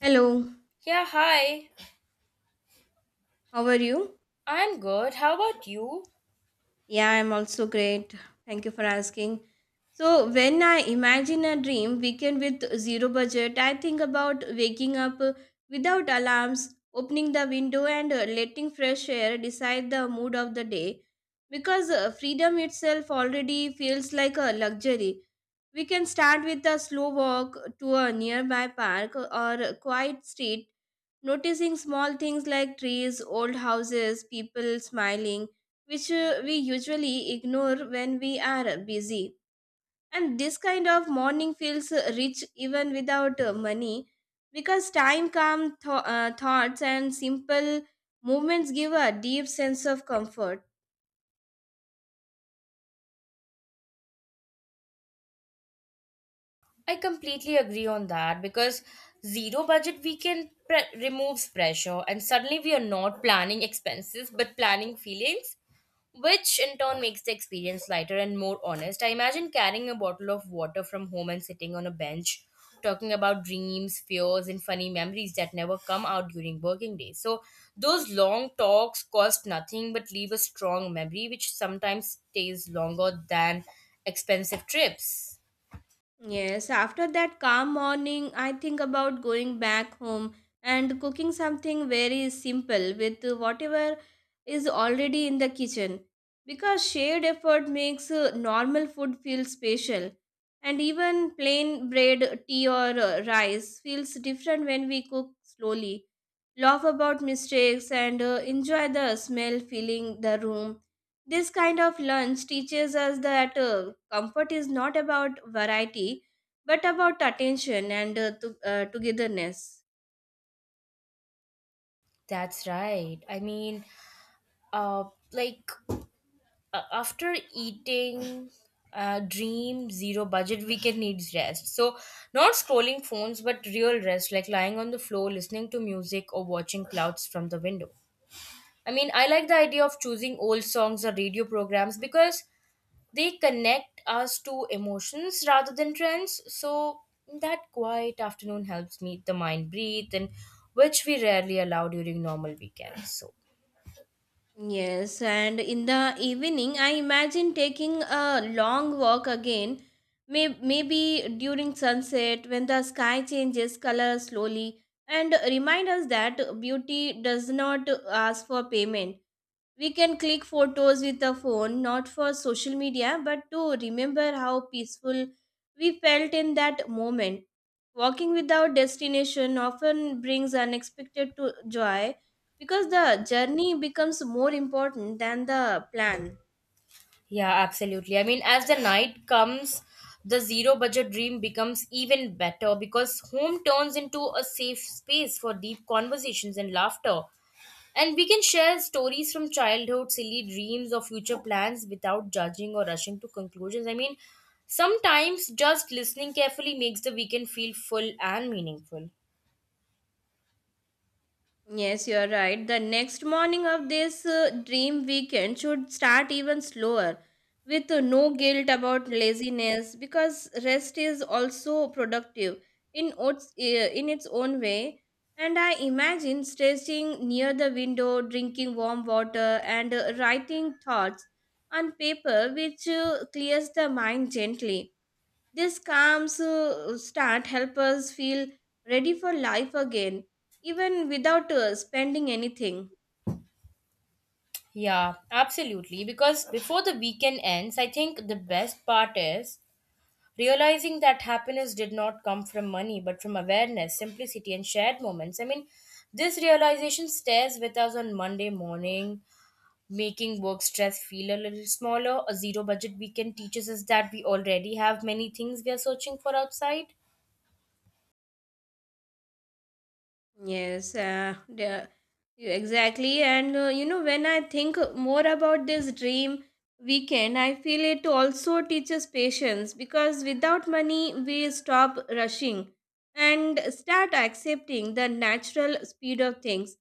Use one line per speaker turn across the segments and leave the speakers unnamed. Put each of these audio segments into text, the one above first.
Hello,
Yeah, hi.
how are you?
I'm good. How about you?
Yeah, I'm also great. Thank you for asking. So, when I imagine a dream weekend with zero budget, I think about waking up without alarms, opening the window, and letting fresh air decide the mood of the day. Because freedom itself already feels like a luxury. We can start with a slow walk to a nearby park or a quiet street noticing small things like trees, old houses, people smiling, which we usually ignore when we are busy. And this kind of morning feels rich even without money because time calm thoughts and simple movements give a deep sense of comfort.
I completely agree on that because zero budget weekend removes pressure, and suddenly we are not planning expenses but planning feelings, which in turn makes the experience lighter and more honest. I imagine carrying a bottle of water from home and sitting on a bench talking about dreams, fears, and funny memories that never come out during working days. So those long talks cost nothing but leave a strong memory, which sometimes stays longer than expensive trips.
Yes, after that calm morning, I think about going back home and cooking something very simple with whatever is already in the kitchen. Because shared effort makes normal food feel special. And even plain bread, tea, or rice feels different when we cook slowly laugh about mistakes, and enjoy the smell filling the room. This kind of lunch teaches us that comfort is not about variety but about attention and togetherness.
That's right. I mean, uh, like after eating Dream zero budget weekend needs rest, so not scrolling phones but real rest, like lying on the floor listening to music or watching clouds from the window. I mean, I like the idea of choosing old songs or radio programs because they connect us to emotions rather than trends. So that quiet afternoon helps me, the mind breathe, and which we rarely allow during normal weekends. So
Yes, and in the evening, I imagine taking a long walk again, maybe during sunset when the sky changes color slowly, and remind us that beauty does not ask for payment. We can click photos with a phone, not for social media, but to remember how peaceful we felt in that moment. Walking without destination often brings unexpected to joy because the journey becomes more important than the plan.
Yeah, absolutely. I mean, as the night comes, the zero budget dream becomes even better because home turns into a safe space for deep conversations and laughter. And we can share stories from childhood, silly dreams, or future plans without judging or rushing to conclusions. I mean, sometimes just listening carefully makes the weekend feel full and meaningful.
Yes, you are right. The next morning of this dream weekend should start even slower with no guilt about laziness because rest is also productive in in its own way. And I imagine stretching near the window, drinking warm water, and writing thoughts on paper, which clears the mind gently. This calms start help us feel ready for life again, even without spending anything.
Yeah, absolutely. Because before the weekend ends, I think the best part is realizing that happiness did not come from money but from awareness, simplicity, and shared moments. I mean, this realization stays with us on Monday morning, making work stress feel a little smaller. A zero budget weekend teaches us that we already have many things we are searching for outside.
Yes, exactly. And when I think more about this dream weekend, I feel it also teaches patience because without money, we stop rushing and start accepting the natural speed of things.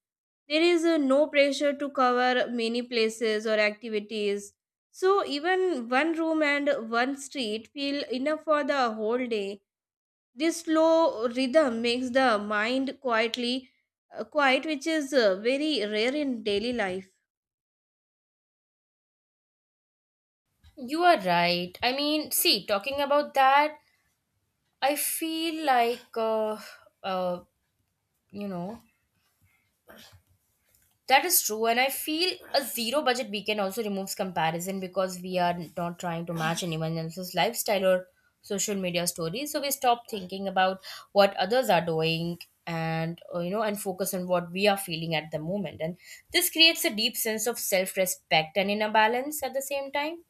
There is no pressure to cover many places or activities, so even one room and one street feel enough for the whole day. This slow rhythm makes the mind quiet, which is very rare in daily life.
You are right. I mean, see, talking about that, I feel like uh you know That is true, and I feel a zero budget weekend also removes comparison because we are not trying to match anyone else's lifestyle or social media stories. So we stop thinking about what others are doing, and you know and focus on what we are feeling at the moment, and this creates a deep sense of self-respect and inner balance at the same time.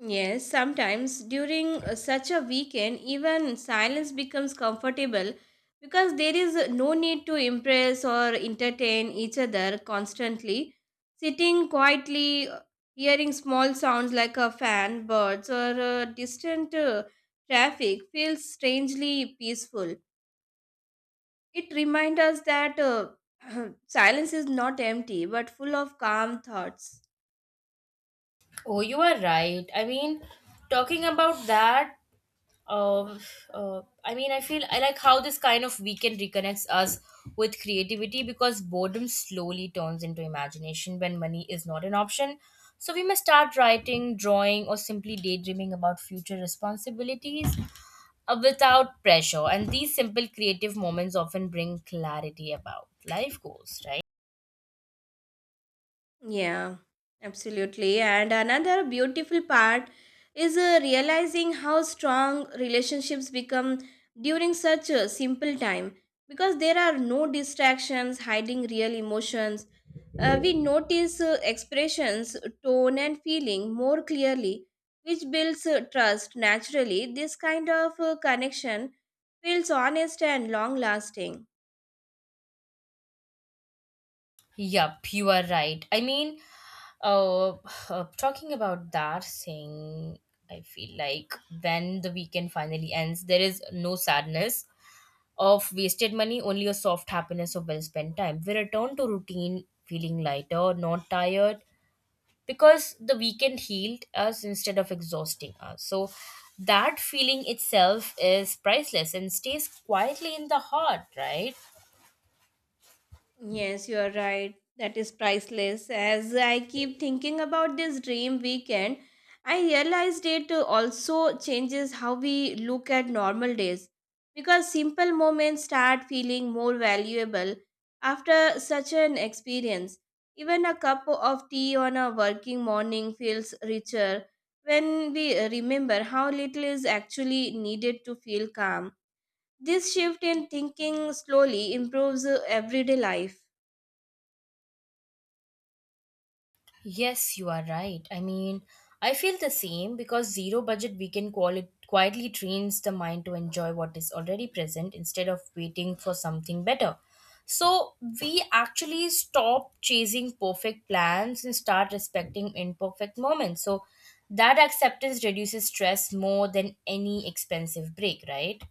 Yes, sometimes during such a weekend, even silence becomes comfortable because there is no need to impress or entertain each other constantly. Sitting quietly, hearing small sounds like a fan, birds, or distant traffic feels strangely peaceful. It reminds us that silence is not empty but full of calm thoughts.
Oh, you are right. I mean, talking about that uh, I mean, I feel I like how this kind of weekend reconnects us with creativity because boredom slowly turns into imagination when money is not an option. So we may start writing, drawing, or simply daydreaming about future responsibilities without pressure. And these simple creative moments often bring clarity about life goals, right?
Yeah, absolutely. And another beautiful part is realizing how strong relationships become during such a simple time because there are no distractions hiding real emotions. We notice expressions, tone, and feeling more clearly, which builds trust naturally. This kind of connection feels honest and long lasting.
Yup, you are right. Uh, Talking about that thing, I feel like when the weekend finally ends, there is no sadness of wasted money, only a soft happiness of well spent time. We return to routine feeling lighter, not tired, because the weekend healed us instead of exhausting us. So that feeling itself is priceless and stays quietly in the heart, right?
Yes, you are right. That is priceless. As I keep thinking about this dream weekend, I realized it also changes how we look at normal days because simple moments start feeling more valuable after such an experience. Even a cup of tea on a working morning feels richer when we remember how little is actually needed to feel calm. This shift in thinking slowly improves everyday life.
Yes, you are right. I mean, I feel the same because zero budget weekend quietly trains the mind to enjoy what is already present instead of waiting for something better. So we actually stop chasing perfect plans and start respecting imperfect moments. So that acceptance reduces stress more than any expensive break, right?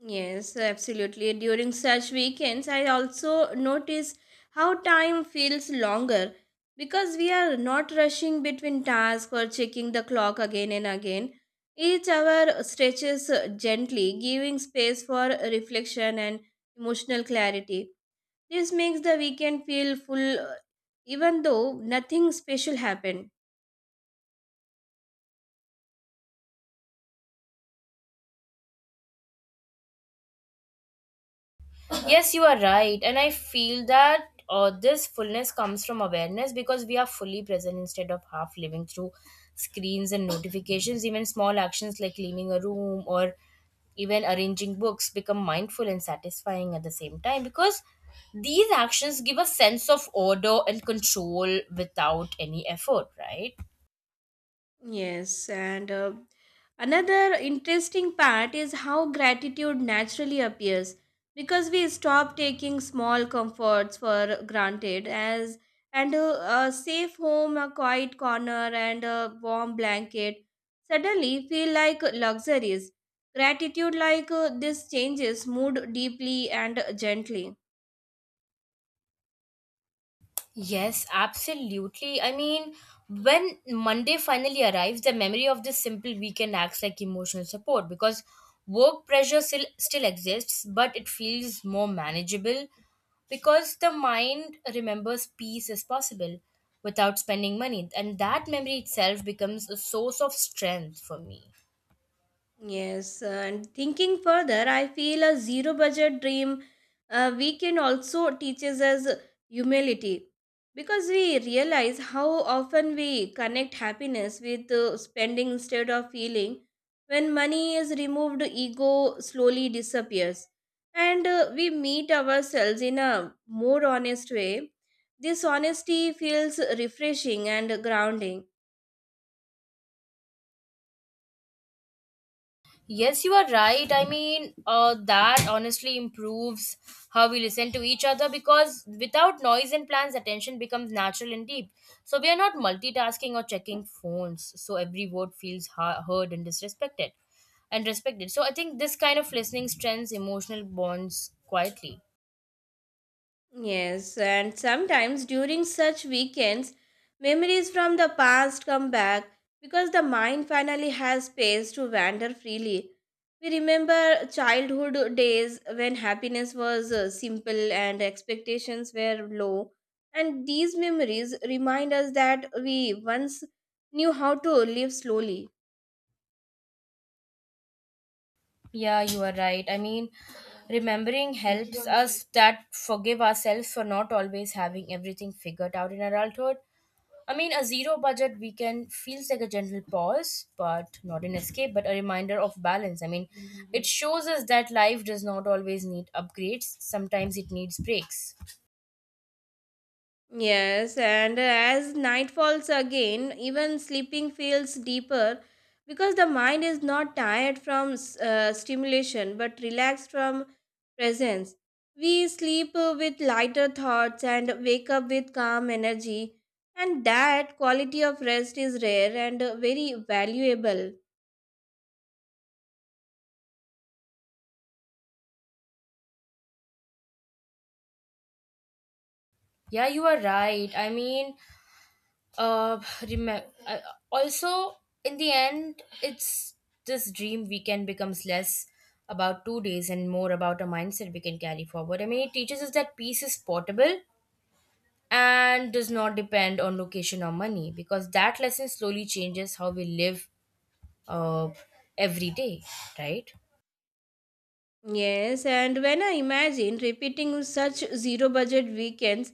Yes, absolutely. During such weekends, I also notice how time feels longer because we are not rushing between tasks or checking the clock again and again. Each hour stretches gently, giving space for reflection and emotional clarity. This makes the weekend feel full, even though nothing special happened.
Yes, you are right. And I feel that this fullness comes from awareness because we are fully present instead of half living through screens and notifications. Even small actions like cleaning a room or even arranging books become mindful and satisfying at the same time, because these actions give a sense of order and control without any effort, right?
Yes, and another interesting part is how gratitude naturally appears because we stop taking small comforts for granted, as a safe home, a quiet corner, and a warm blanket suddenly feel like luxuries. Gratitude like this changes mood deeply and gently.
Yes, absolutely. I mean, when Monday finally arrives, the memory of this simple weekend acts like emotional support because work pressure still exists, but it feels more manageable because the mind remembers peace as possible without spending money, and that memory itself becomes a source of strength for me.
Yes, and thinking further, I feel a zero budget dream weekend also teaches us humility because we realize how often we connect happiness with spending instead of feeling. When money is removed, ego slowly disappears, and we meet ourselves in a more honest way. This honesty feels refreshing and grounding.
Yes, you are right. I mean, that honestly improves how we listen to each other, because without noise and plans, attention becomes natural and deep. So we are not multitasking or checking phones. So every word feels heard and disrespected and respected. So I think this kind of listening strengthens emotional bonds quietly.
Yes, and sometimes during such weekends, memories from the past come back because the mind finally has space to wander freely. We remember childhood days when happiness was simple and expectations were low, and these memories remind us that we once knew how to live slowly.
Yeah, you are right. I mean, remembering helps us that forgive ourselves for not always having everything figured out in adulthood. I mean, a zero budget weekend feels like a gentle pause, but not an escape, but a reminder of balance. I mean, it shows us that life does not always need upgrades, sometimes it needs breaks.
Yes, and as night falls again, even sleeping feels deeper because the mind is not tired from stimulation but relaxed from presence. We sleep with lighter thoughts and wake up with calm energy, and that quality of rest is rare and very valuable.
Yeah, you are right. I mean, uh, remember, uh, also, in the end, it's this dream weekend becomes less about 2 days and more about a mindset we can carry forward. I mean, it teaches us that peace is portable and does not depend on location or money, because that lesson slowly changes how we live uh, every day, right?
Yes, and when I imagine repeating such zero budget weekends,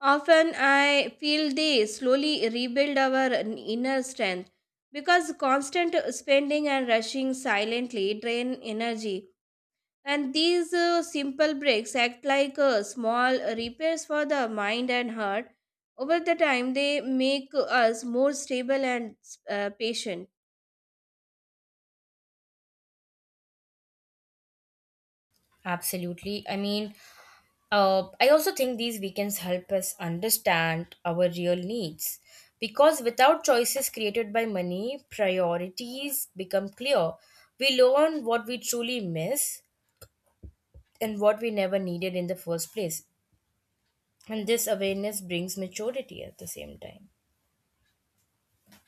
often I feel they slowly rebuild our inner strength because constant spending and rushing silently drain energy. And these simple breaks act like small repairs for the mind and heart. Over the time, they make us more stable and patient.
Absolutely. I mean, I also think these weekends help us understand our real needs because without choices created by money, priorities become clear. We learn what we truly miss and what we never needed in the first place, and this awareness brings maturity at the same time.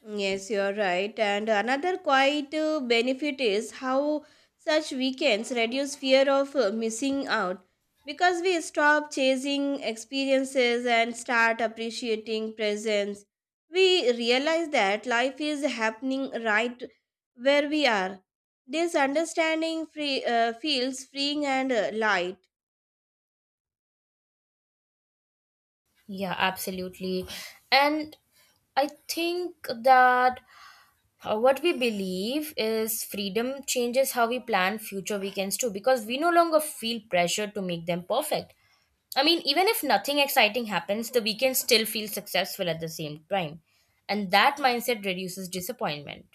Yes, you are right. And another quite benefit is how such weekends reduce fear of missing out because we stop chasing experiences and start appreciating presence. We realize that life is happening right where we are. This understanding feels freeing and light.
Yeah, absolutely. And I think that what we believe is freedom changes how we plan future weekends too, because we no longer feel pressure to make them perfect. I mean, even if nothing exciting happens, the weekend still feels successful at the same time. And that mindset reduces disappointment.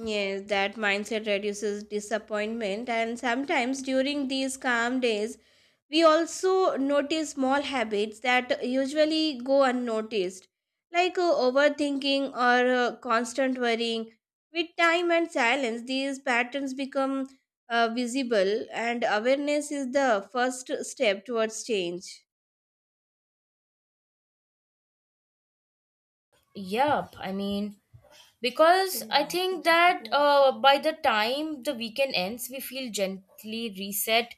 Yes, that mindset reduces disappointment, and sometimes during these calm days, we also notice small habits that usually go unnoticed, like overthinking or constant worrying. With time and silence, these patterns become visible, and awareness is the first step towards change.
Yep, I mean, because I think that by the time the weekend ends, we feel gently reset,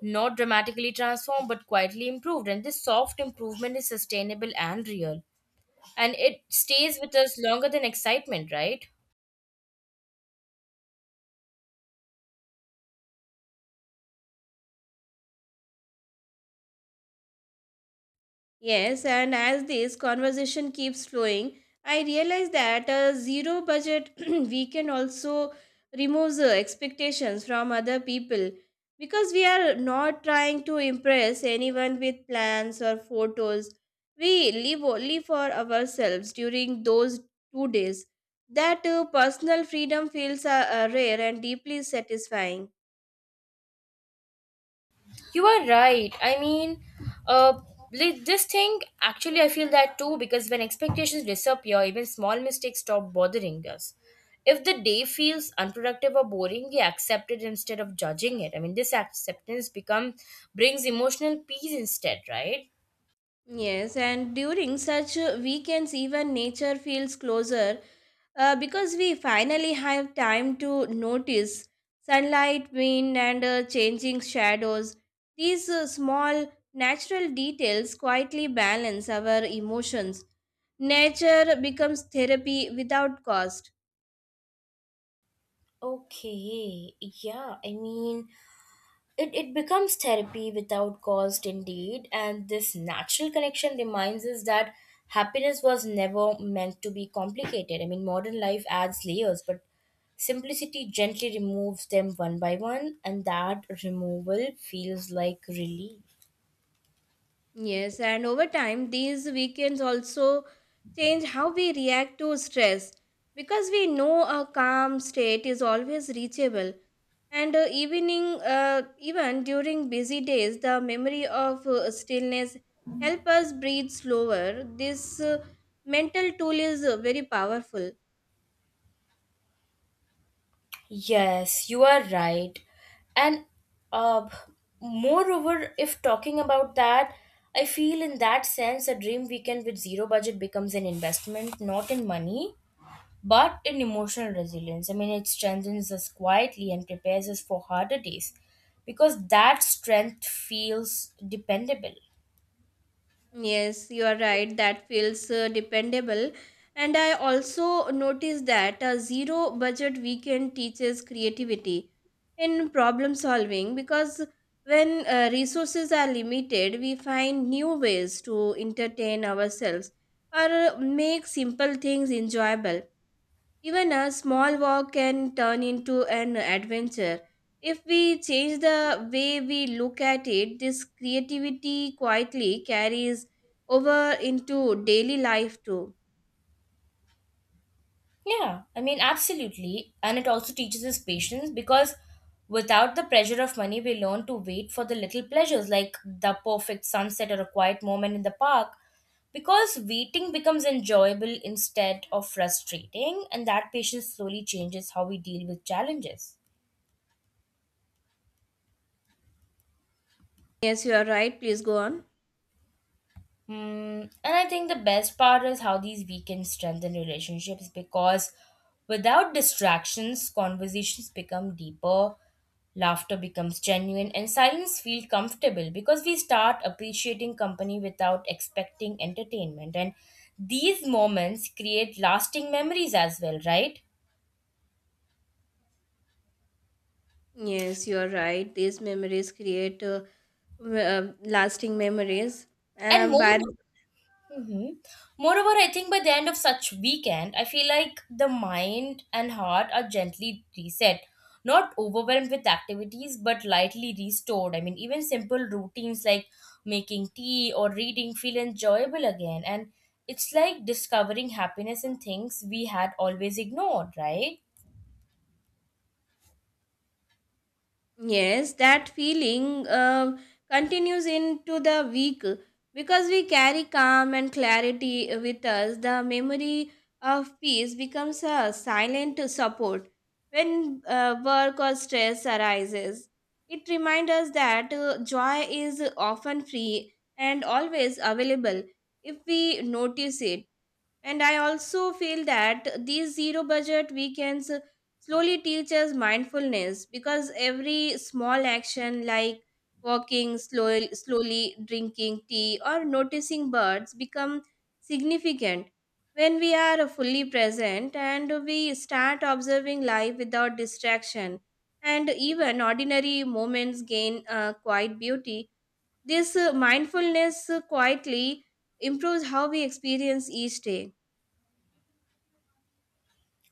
not dramatically transformed, but quietly improved. And this soft improvement is sustainable and real. And it stays with us longer than excitement, right?
Yes, and as this conversation keeps flowing, I realize that a zero budget weekend also removes the expectations from other people because we are not trying to impress anyone with plans or photos. We live only for ourselves during those 2 days. That personal freedom feels rare and deeply satisfying.
You are right. I mean, uh, this thing actually, I feel that too because when expectations disappear, even small mistakes stop bothering us. If the day feels unproductive or boring, we accept it instead of judging it. I mean, this acceptance become brings emotional peace instead, right?
Yes, and during such weekends, even nature feels closer because we finally have time to notice sunlight, wind, and changing shadows. These small natural details quietly balance our emotions. Nature becomes therapy without cost.
Okay, yeah, I mean, it becomes therapy without cost, indeed, and this natural connection reminds us that happiness was never meant to be complicated. I mean, modern life adds layers, but simplicity gently removes them one by one, and that removal feels like relief.
Yes, and over time, these weekends also change how we react to stress because we know a calm state is always reachable. And even during busy days, the memory of stillness help us breathe slower. This mental tool is very powerful.
Yes, you are right. And uh, Moreover, if talking about that, I feel in that sense a dream weekend with zero budget becomes an investment, not in money, but in emotional resilience. I mean, it strengthens us quietly and prepares us for harder days because that strength feels dependable.
Yes, you are right. That feels dependable. And I also noticed that a zero budget weekend teaches creativity in problem solving because when resources are limited, we find new ways to entertain ourselves or make simple things enjoyable. Even a small walk can turn into an adventure. If we change the way we look at it, this creativity quietly carries over into daily life too.
Yeah, I mean, absolutely. And it also teaches us patience because without the pressure of money, we learn to wait for the little pleasures like the perfect sunset or a quiet moment in the park, because waiting becomes enjoyable instead of frustrating, and that patience slowly changes how we deal with challenges.
Yes, you are right. Please go on.
Mm, and I think the best part is how these weekends strengthen relationships because without distractions, conversations become deeper, laughter becomes genuine, and silence feels comfortable because we start appreciating company without expecting entertainment. And these moments create lasting memories as well, right?
Yes, you are right. These memories create lasting memories.
And more
But
hmm Moreover, I think by the end of such weekend, I feel like the mind and heart are gently reset, not overwhelmed with activities, but lightly restored. I mean, even simple routines like making tea or reading feel enjoyable again, and it's like discovering happiness in things we had always ignored, right?
yes, that feeling continues into the week because we carry calm and clarity with us. The memory of peace becomes a silent support when work or stress arises. It reminds us that joy is often free and always available if we notice it. And I also feel that these zero budget weekends slowly teach us mindfulness because every small action like walking slowly, slowly drinking tea or noticing birds become significant when we are fully present, and we start observing life without distraction, and even ordinary moments gain quite beauty. This mindfulness quietly improves how we experience each day.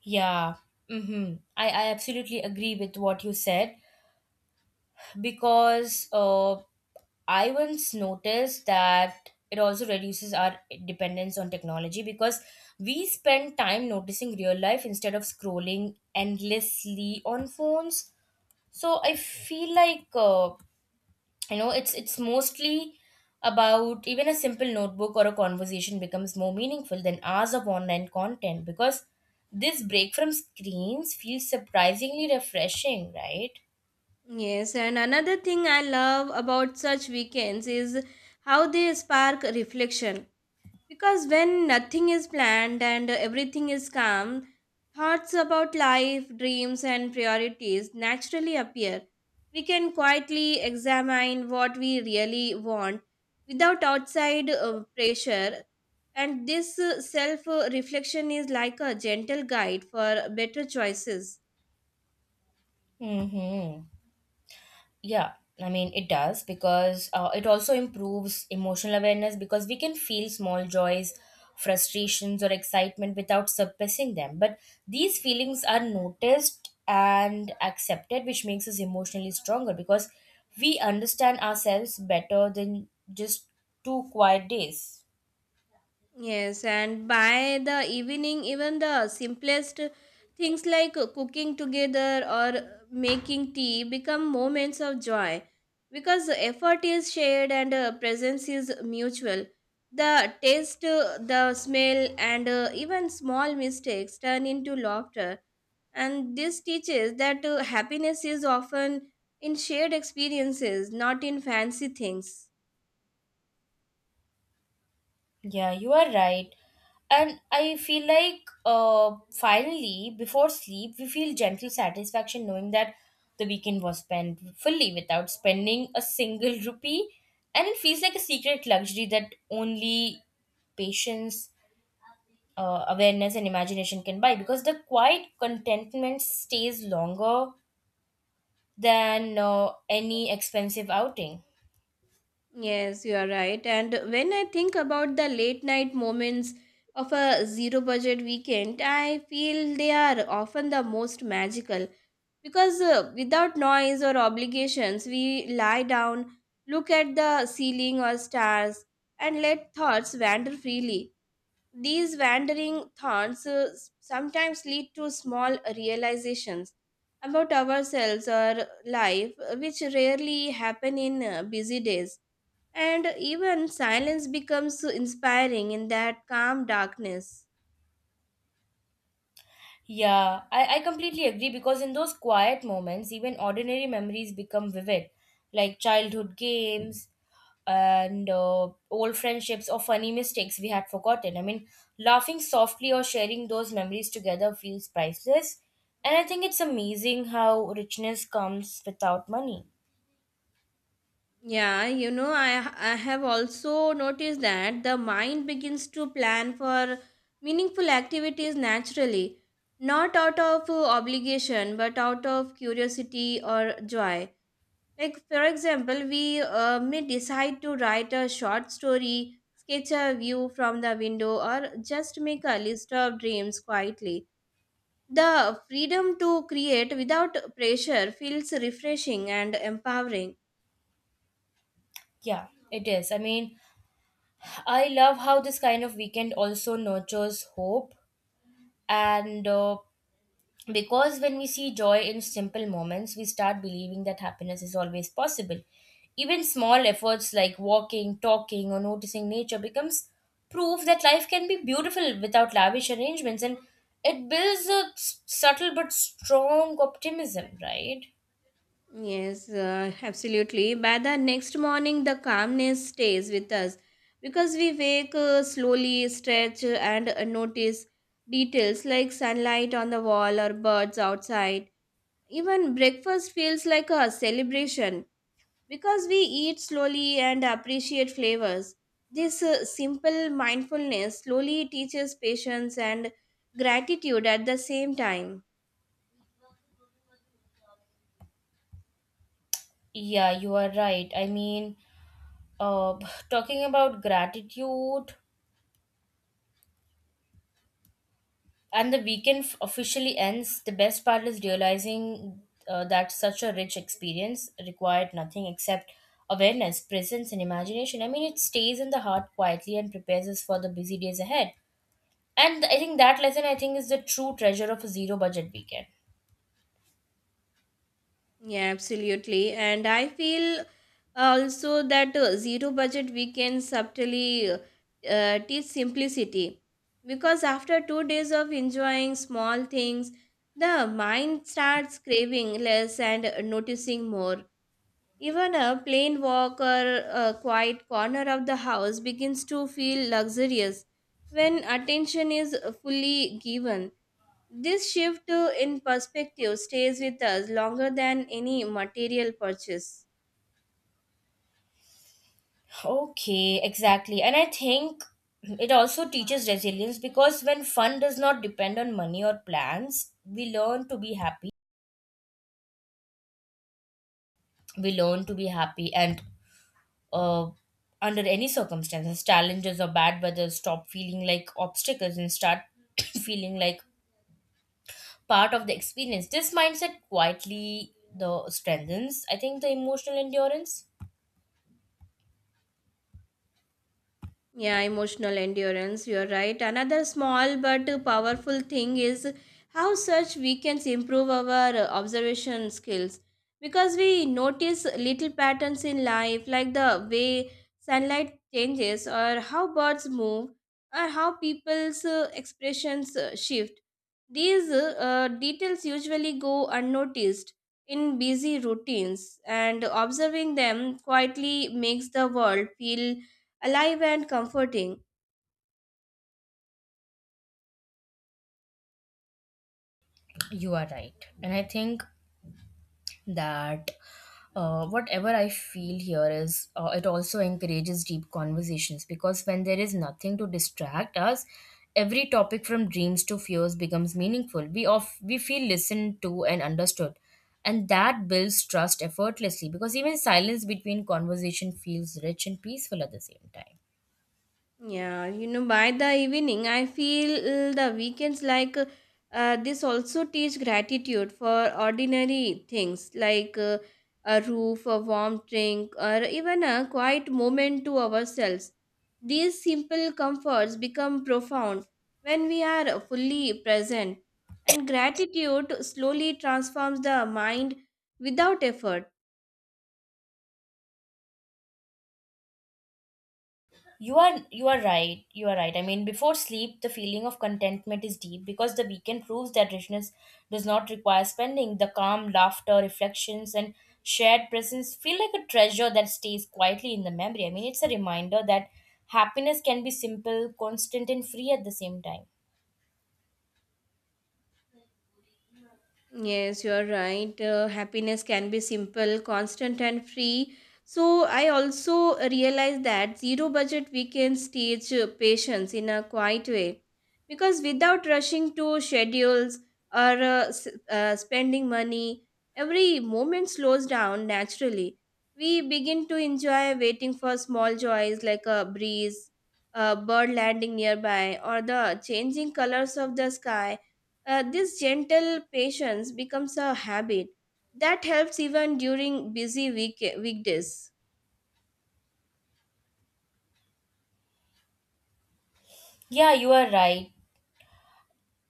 Yeah. Mm-hmm. I absolutely agree with what you said, because I once noticed that it also reduces our dependence on technology because we spend time noticing real life instead of scrolling endlessly on phones. So I feel like it's mostly about, even a simple notebook or a conversation becomes more meaningful than hours of online content, because this break from screens feels surprisingly refreshing, right?
Yes, and another thing I love about such weekends is how they spark reflection. Because when nothing is planned and everything is calm, thoughts about life, dreams, and priorities naturally appear. We can quietly examine what we really want without outside pressure, and this self reflection is like a gentle guide for better choices.
Mm-hmm. Yeah, I mean, it does because it also improves emotional awareness because we can feel small joys, frustrations, or excitement without suppressing them. But these feelings are noticed and accepted, which makes us emotionally stronger because we understand ourselves better than just two quiet days.
Yes, and by the evening, even the simplest things like cooking together or making tea become moments of joy because the effort is shared and presence is mutual. The taste, the smell, and even small mistakes turn into laughter. And this teaches that happiness is often in shared experiences, not in fancy things.
Yeah, you are right. And I feel like finally, before sleep, we feel gentle satisfaction knowing that the weekend was spent fully without spending a single rupee. And it feels like a secret luxury that only patience, awareness, and imagination can buy, because the quiet contentment stays longer than any expensive outing.
Yes, you are right. And when I think about the late night moments of a zero budget weekend, I feel they are often the most magical because without noise or obligations, we lie down, look at the ceiling or stars, and let thoughts wander freely. These wandering thoughts s- sometimes lead to small realizations about ourselves or life, which rarely happen in busy days. And even silence becomes inspiring in that calm darkness.
Yeah, I completely agree because in those quiet moments, even ordinary memories become vivid, like childhood games and old friendships or funny mistakes we had forgotten. I mean, laughing softly or sharing those memories together feels priceless. And I think it's amazing how richness comes without money.
Yeah, you know, I have also noticed that the mind begins to plan for meaningful activities naturally, not out of obligation, but out of curiosity or joy. Like, for example, we may decide to write a short story, sketch a view from the window, or just make a list of dreams quietly. The freedom to create without pressure feels refreshing and empowering.
Yeah, it is. I mean, I love how this kind of weekend also nurtures hope and because when we see joy in simple moments, we start believing that happiness is always possible. Even small efforts like walking, talking, or noticing nature becomes proof that life can be beautiful without lavish arrangements, and it builds a subtle but strong optimism, right?
Yes, absolutely. By the next morning, the calmness stays with us because we wake slowly, stretch, and notice details like sunlight on the wall or birds outside. Even breakfast feels like a celebration. Because we eat slowly and appreciate flavors, this simple mindfulness slowly teaches patience and gratitude at the same time.
Yeah, you are right. I mean, uh, talking about gratitude, and the weekend officially ends, the best part is realizing that such a rich experience required nothing except awareness, presence, and imagination. I mean, it stays in the heart quietly and prepares us for the busy days ahead. And I think that lesson, I think, is the true treasure of a zero budget weekend.
Yeah, absolutely. And I feel also that zero budget weekends subtly teach simplicity. Because after 2 days of enjoying small things, the mind starts craving less and noticing more. Even a plain walk or a quiet corner of the house begins to feel luxurious when attention is fully given. This shift in perspective stays with us longer than any material purchase.
Okay, exactly. And I think it also teaches resilience because when fun does not depend on money or plans, we learn to be happy. We learn to be happy and uh, under any circumstances, challenges or bad weather stop feeling like obstacles and start feeling like part of the experience. This mindset quietly the strengthens, I think, the emotional endurance.
Yeah, emotional endurance, you're right. Another small but powerful thing is how such weekends improve our observation skills because we notice little patterns in life, like the way sunlight changes, or how birds move, or how people's expressions shift. These details usually go unnoticed in busy routines, and observing them quietly makes the world feel alive and comforting.
You are right, and I think that whatever I feel here is it also encourages deep conversations because when there is nothing to distract us, every topic from dreams to fears becomes meaningful. We feel listened to and understood, and that builds trust effortlessly because even silence between conversation feels rich and peaceful at the same time.
Yeah, you know, by the evening, I feel the weekends like this also teach gratitude for ordinary things like a roof, a warm drink, or even a quiet moment to ourselves. These simple comforts become profound when we are fully present, and gratitude slowly transforms the mind without effort.
You are right. You are right. I mean, before sleep, the feeling of contentment is deep because the weekend proves that richness does not require spending. The calm, laughter, reflections, and shared presence feel like a treasure that stays quietly in the memory. I mean, it's a reminder that happiness can be simple, constant, and free at the same time.
Yes, you are right. Happiness can be simple, constant, and free. So, I also realize that zero budget weekends teach patience in a quiet way because without rushing to schedules or spending money, every moment slows down naturally. We begin to enjoy waiting for small joys like a breeze, a bird landing nearby, or the changing colors of the sky. This gentle patience becomes a habit that helps even during busy weekdays.
Yeah, you are right.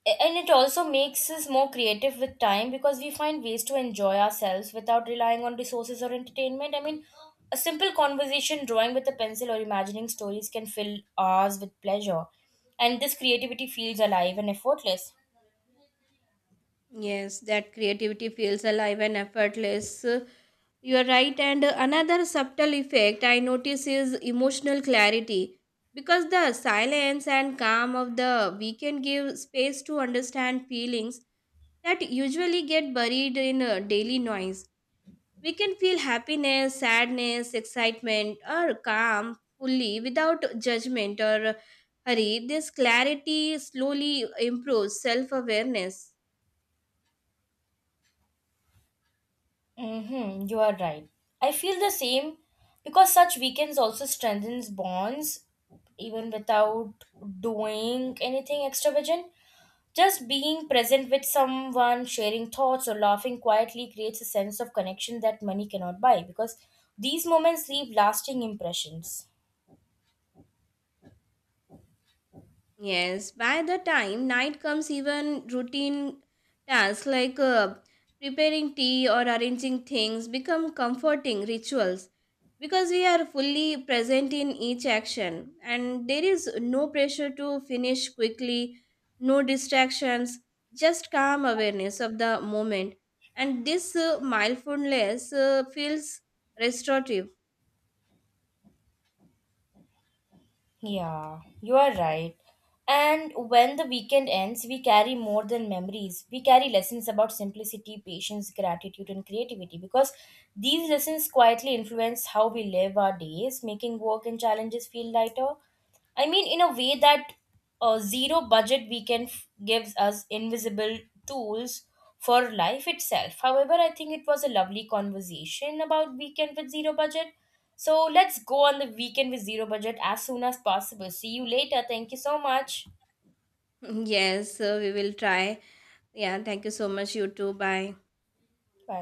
And it also makes us more creative with time because we find ways to enjoy ourselves without relying on resources or entertainment. I mean, a simple conversation, drawing with a pencil, or imagining stories can fill hours with pleasure, and this creativity feels alive and effortless.
Yes, that creativity feels alive and effortless. You are right. And another subtle effect I notice is emotional clarity because the silence and calm of the weekend give space to understand feelings that usually get buried in daily noise. We can feel happiness, sadness, excitement, or calm fully without judgment or hurry. This clarity slowly improves self awareness.
Mm-hmm, you are right. I feel the same because such weekends also strengthens bonds even without doing anything extravagant. Just being present with someone, sharing thoughts, or laughing quietly creates a sense of connection that money cannot buy, because these moments leave lasting impressions.
Yes, by the time night comes, even routine tasks like preparing tea or arranging things become comforting rituals because we are fully present in each action, and there is no pressure to finish quickly, no distractions, just calm awareness of the moment. And this mindfulness feels restorative.
Yeah, you are right. And when the weekend ends, we carry more than memories. We carry lessons about simplicity, patience, gratitude, and creativity because these lessons quietly influence how we live our days, making work and challenges feel lighter. I mean, in a way that zero budget weekend gives us invisible tools for life itself. However, I think it was a lovely conversation about weekend with zero budget. So let's go on the weekend with zero budget as soon as possible. See you later. Thank you so much.
Yes, we will try. Yeah, thank you so much, you too. Bye.
Bye.